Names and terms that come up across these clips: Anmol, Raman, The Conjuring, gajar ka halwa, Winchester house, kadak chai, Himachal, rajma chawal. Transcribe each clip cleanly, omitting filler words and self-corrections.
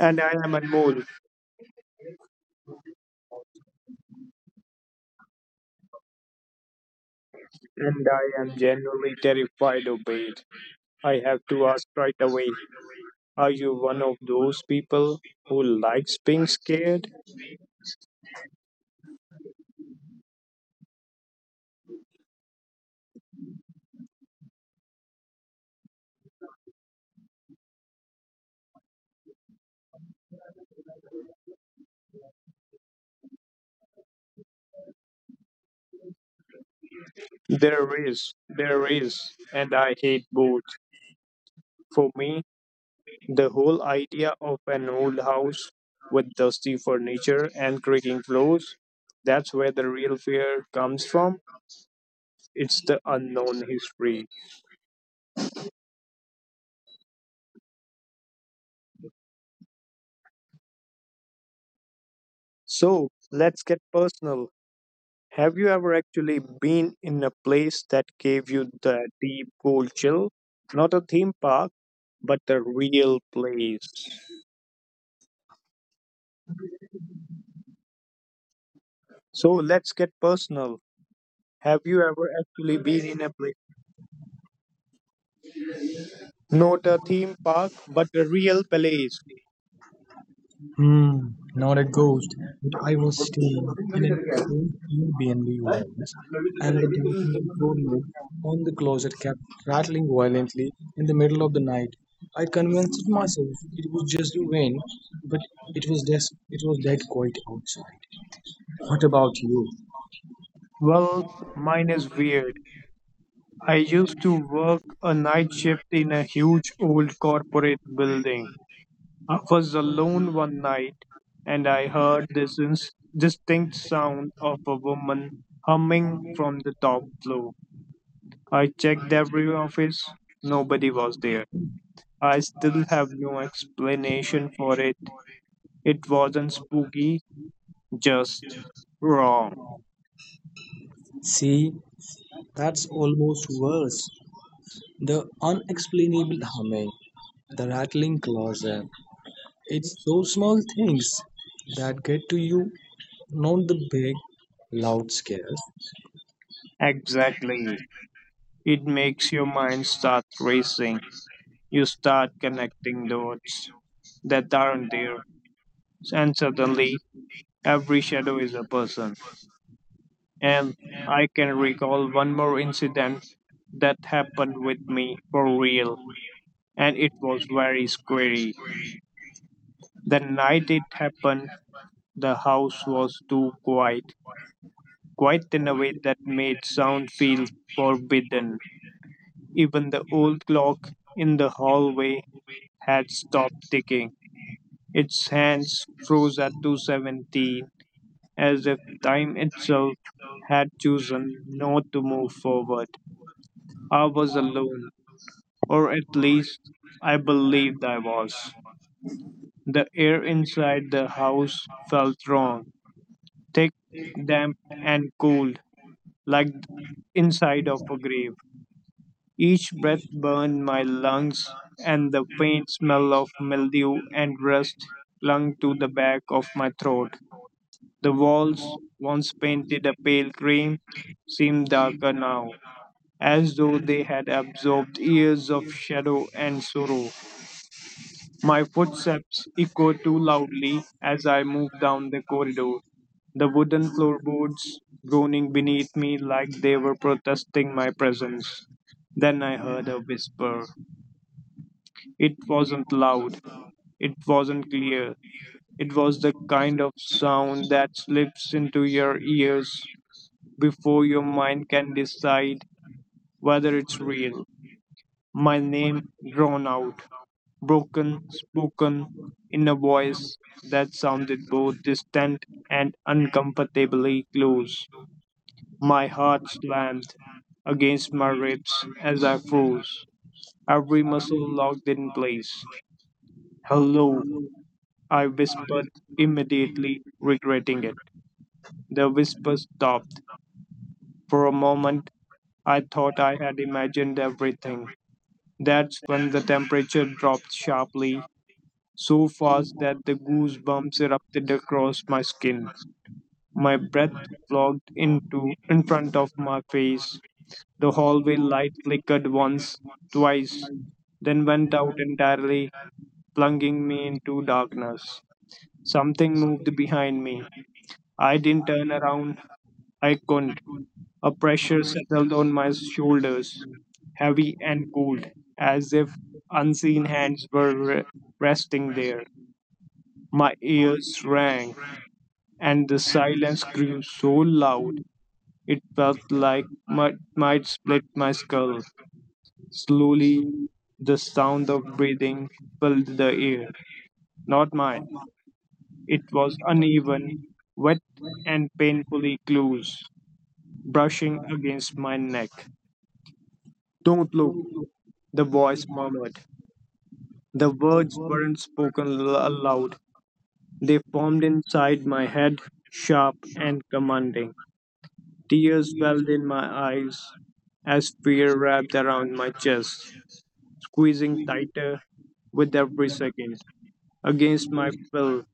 And I am Anmol, and I am genuinely terrified of it. I have to ask right away, are you one of those people who likes being scared? There is, and I hate both. For me, the whole idea of an old house with dusty furniture and creaking floors, that's where the real fear comes from. It's the unknown history. So let's get personal. Have you ever actually been in a place that gave you the deep cold chill? Not a theme park, but the real place. So let's get personal. Have you ever actually been in a place? Not a theme park, but a real place. Hmm, not a ghost, but I was staying in an old Airbnb once, and the document doorknob on the closet kept rattling violently in the middle of the night. I convinced myself it was just the wind, but it was it was dead quiet outside. What about you? Well, mine is weird. I used to work a night shift in a huge old corporate building. I was alone one night and I heard this distinct sound of a woman humming from the top floor. I checked every office, nobody was there. I still have no explanation for it. It wasn't spooky, just wrong. See, that's almost worse. The unexplainable humming, the rattling closet, it's those small things that get to you, not the big, loud scares. Exactly. It makes your mind start racing. You start connecting dots that aren't there, and suddenly every shadow is a person. And I can recall one more incident that happened with me for real, and it was very scary. The night it happened, the house was too quiet, quiet in a way that made sound feel forbidden. Even the old clock in the hallway had stopped ticking. Its hands froze at 2:17, as if time itself had chosen not to move forward. I was alone, or at least I believed I was. The air inside the house felt wrong, thick, damp, and cold, like inside of a grave. Each breath burned my lungs, and the faint smell of mildew and rust clung to the back of my throat. The walls, once painted a pale cream, seemed darker now, as though they had absorbed years of shadow and sorrow. My footsteps echo too loudly as I move down the corridor, the wooden floorboards groaning beneath me like they were protesting my presence. Then I heard a whisper. It wasn't loud, it wasn't clear, it was the kind of sound that slips into your ears before your mind can decide whether it's real. My name drawn out, broken, spoken in a voice that sounded both distant and uncomfortably close. My heart slammed against my ribs as I froze, every muscle locked in place. Hello, I whispered, immediately regretting it. The whisper stopped. For a moment, I thought I had imagined everything. That's when the temperature dropped sharply, so fast that the goosebumps erupted across my skin. My breath flogged into in front of my face. The hallway light flickered once, twice, then went out entirely, plunging me into darkness. Something moved behind me. I didn't turn around. I couldn't. A pressure settled on my shoulders, heavy and cold, as if unseen hands were resting there. My ears rang, and the silence grew so loud it felt like might split my skull. Slowly, the sound of breathing filled the air, not mine. It was uneven, wet, and painfully close, brushing against my neck. Don't look, the voice murmured. The words weren't spoken aloud, they formed inside my head, sharp and commanding. Tears welled in my eyes as fear wrapped around my chest, squeezing tighter with every second. Against my will,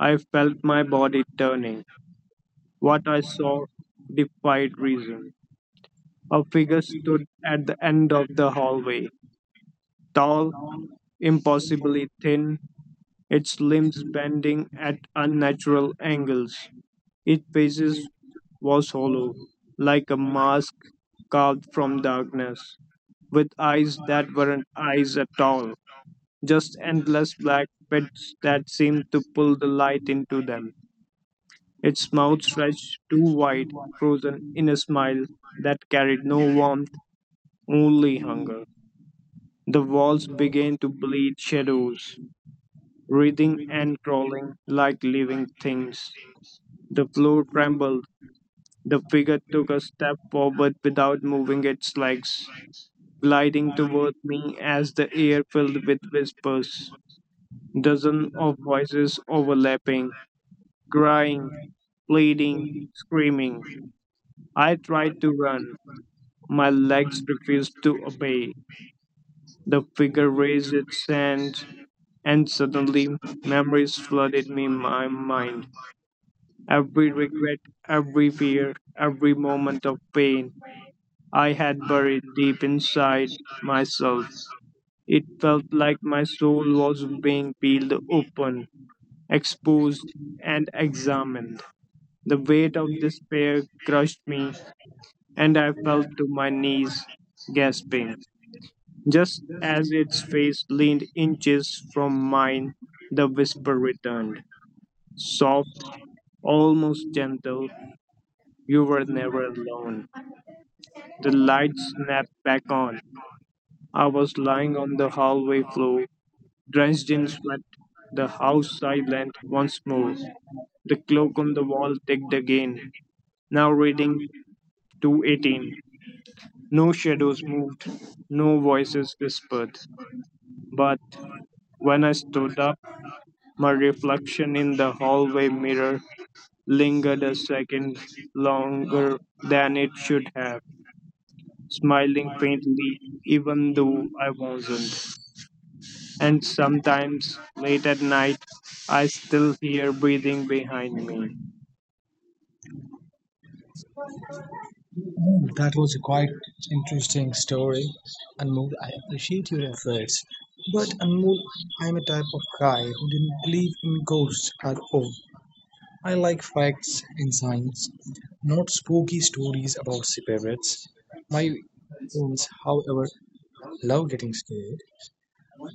I felt my body turning. What I saw defied reason. A figure stood at the end of the hallway, tall, impossibly thin, its limbs bending at unnatural angles. Its face was hollow, like a mask carved from darkness, with eyes that weren't eyes at all, just endless black pits that seemed to pull the light into them. Its mouth stretched too wide, frozen in a smile that carried no warmth, only hunger. The walls began to bleed shadows, writhing and crawling like living things. The floor trembled. The figure took a step forward without moving its legs, gliding toward me as the air filled with whispers. Dozens of voices overlapping, crying, pleading, screaming. I tried to run. My legs refused to obey. The figure raised its hand, and suddenly memories flooded me my mind. Every regret, every fear, every moment of pain I had buried deep inside myself. It felt like my soul was being peeled open, exposed, and examined. The weight of despair crushed me, and I fell to my knees, gasping. Just as its face leaned inches from mine, the whisper returned, soft, almost gentle. You were never alone. The light snapped back on. I was lying on the hallway floor, drenched in sweat, the house silent once more. The clock on the wall ticked again, now reading 2:18. No shadows moved, no voices whispered. But when I stood up, my reflection in the hallway mirror lingered a second longer than it should have, smiling faintly, even though I wasn't. And sometimes, late at night, I still hear breathing behind me. That was a quite interesting story. Anmol, I appreciate your efforts. But Anmol, I'm a type of guy who didn't believe in ghosts at all. I like facts and science, not spooky stories about spirits. My friends, however, love getting scared.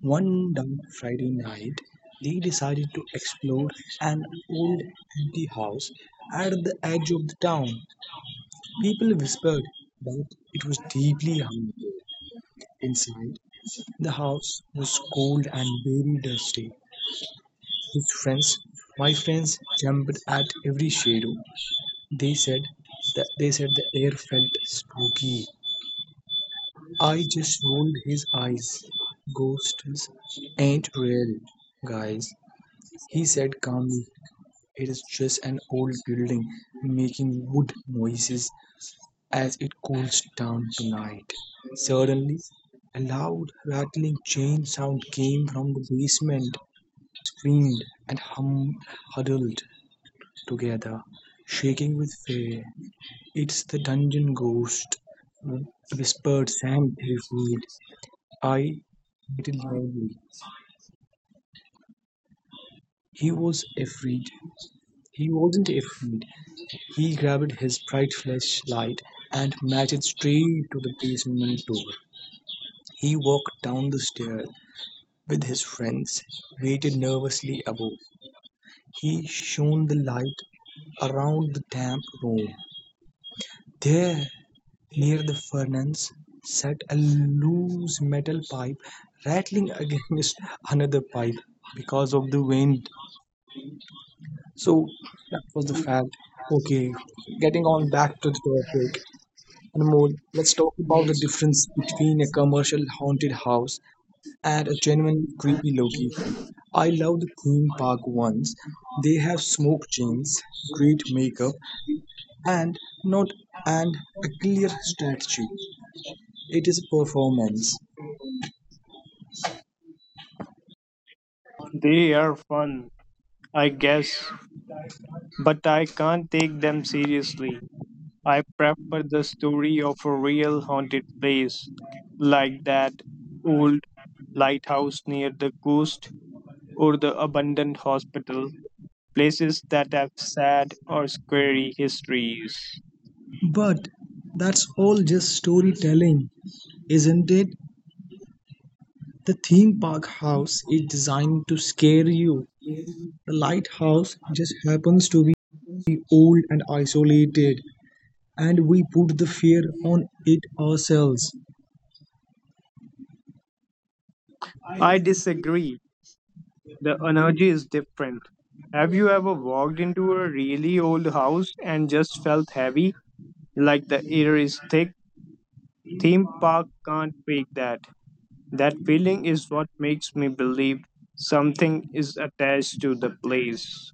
One damp Friday night, they decided to explore an old empty house at the edge of the town. People whispered that it was deeply haunted. Inside, the house was cold and very dusty. His friends, my friends, jumped at every shadow. They said they said the air felt spooky. I just rolled his eyes. Ghosts ain't real, guys, he said calmly. It is just an old building making wood noises as it cools down tonight. Suddenly, a loud rattling chain sound came from the basement. My friends screamed and huddled together, shaking with fear. It's the dungeon ghost, whispered Sam terrified. I waited loudly. He was afraid. He wasn't afraid. He grabbed his bright flashlight and marched straight to the basement door. He walked down the stairs with his friends, waited nervously above. He shone the light around the damp room. There, near the furnace, sat a loose metal pipe rattling against another pipe because of the wind. So that was the fact. Okay, getting on back to the topic. Anmol, let's talk about the difference between a commercial haunted house and a genuinely creepy location. I loved theme park ones. They have smoke chains, great makeup, and not and a clear strategy. It is a performance. They are fun, I guess, but I can't take them seriously. I prefer the story of a real haunted place, like that old lighthouse near the coast or the abandoned hospital, places that have sad or scary histories. But that's all just storytelling, isn't it? The theme park house is designed to scare you. The lighthouse just happens to be old and isolated, and we put the fear on it ourselves. I disagree. The energy is different. Have you ever walked into a really old house and just felt heavy, like the air is thick? Theme park can't fake that. That feeling is what makes me believe something is attached to the place.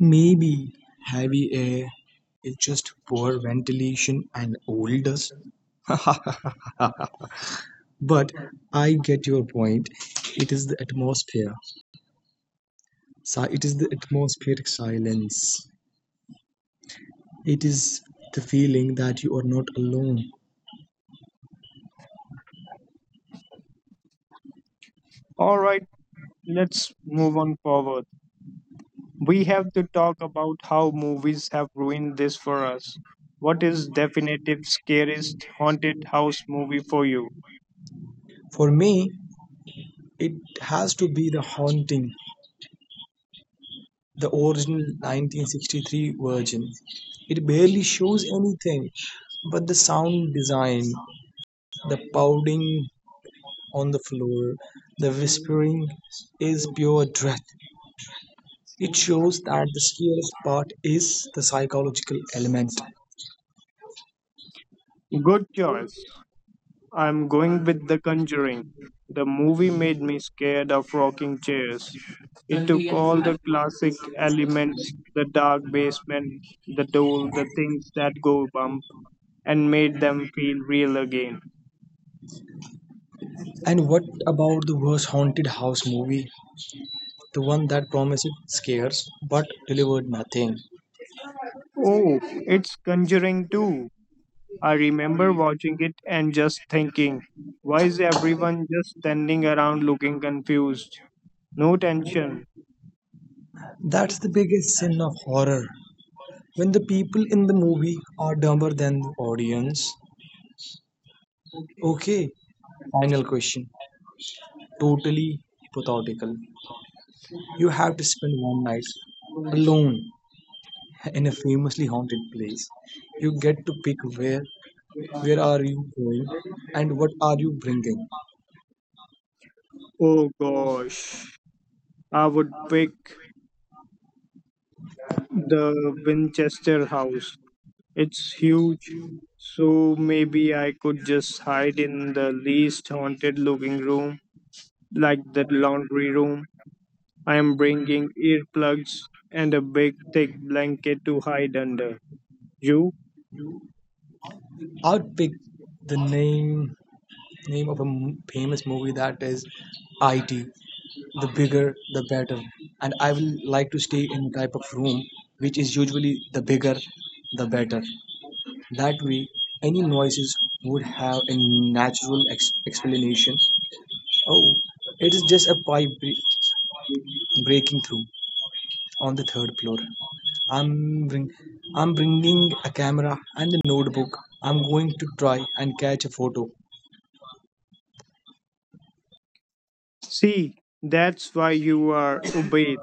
Maybe heavy air is just poor ventilation and old dust. But I get your point. It is the atmosphere. It is the atmospheric silence. It is the feeling that you are not alone. All right, let's move on forward. We have to talk about how movies have ruined this for us. What is definitive scariest haunted house movie for you? For me, it has to be The Haunting, the original 1963 version. It barely shows anything, but the sound design, the pounding on the floor, the whispering is pure dread. It shows that the scariest part is the psychological element. Good choice. I'm going with The Conjuring. The movie made me scared of rocking chairs. It took all the classic elements, the dark basement, the door, the things that go bump, and made them feel real again. And what about the worst haunted house movie? The one that promised scares but delivered nothing. Oh, it's Conjuring too. I remember watching it and just thinking, why is everyone just standing around looking confused? No tension. That's the biggest sin of horror. When the people in the movie are dumber than the audience, okay, final question. Totally hypothetical. You have to spend one night alone in a famously haunted place. You get to pick where. Where are you going, and what are you bringing? Oh gosh. I would pick the Winchester house. It's huge, so maybe I could just hide in the least haunted looking room, like the laundry room. I am bringing earplugs and a big thick blanket to hide under. You? I'd pick the name of a famous movie that is IT. The bigger, the better. And I will like to stay in a type of room which is usually the bigger, the better. That way, any noises would have a natural explanation. Oh, it is just a pipe breaking through on the third floor. I'm bring, I'm bringing a camera and a notebook. I'm going to try and catch a photo. See, that's why you are obeyed,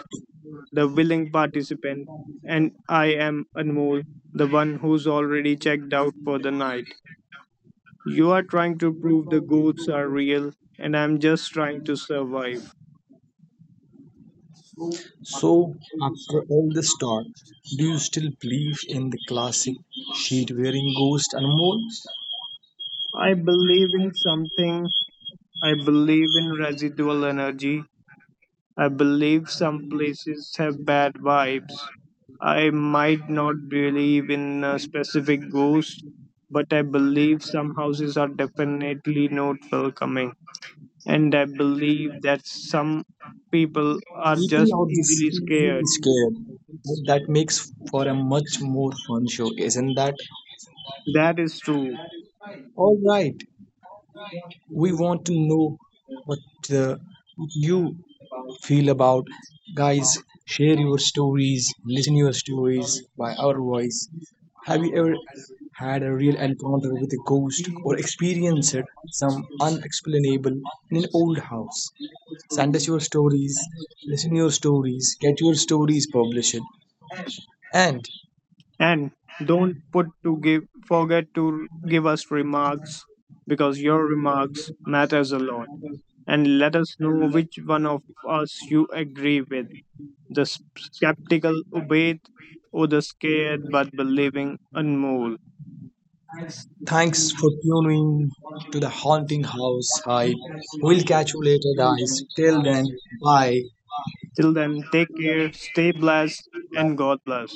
the willing participant, and I am Anmol, the one who's already checked out for the night. You are trying to prove the ghosts are real, and I'm just trying to survive. So, after all this talk, do you still believe in the classic sheet-wearing ghost, Anmol? I believe in something. I believe in residual energy. I believe some places have bad vibes. I might not believe in a specific ghost, but I believe some houses are definitely not welcoming. And I believe that some people are just People out there easily seem really scared. scared. But that makes for a much more fun show, isn't that? That is true. All right. We want to know what, uh, what you feel about. Guys, share your stories, listen your stories by our voice. Have you ever had a real encounter with a ghost or experienced some unexplainable in an old house? Send us your stories, listen your stories, get your stories published, and And don't put to give forget to give us remarks, because your remarks matters a lot. And let us know which one of us you agree with. The skeptical obeyed or the scared but believing Anmol. thanks for tuning to the Haunting House Hype. We'll catch you later, guys. Till then, bye. Till then, take care, stay blessed, and God bless.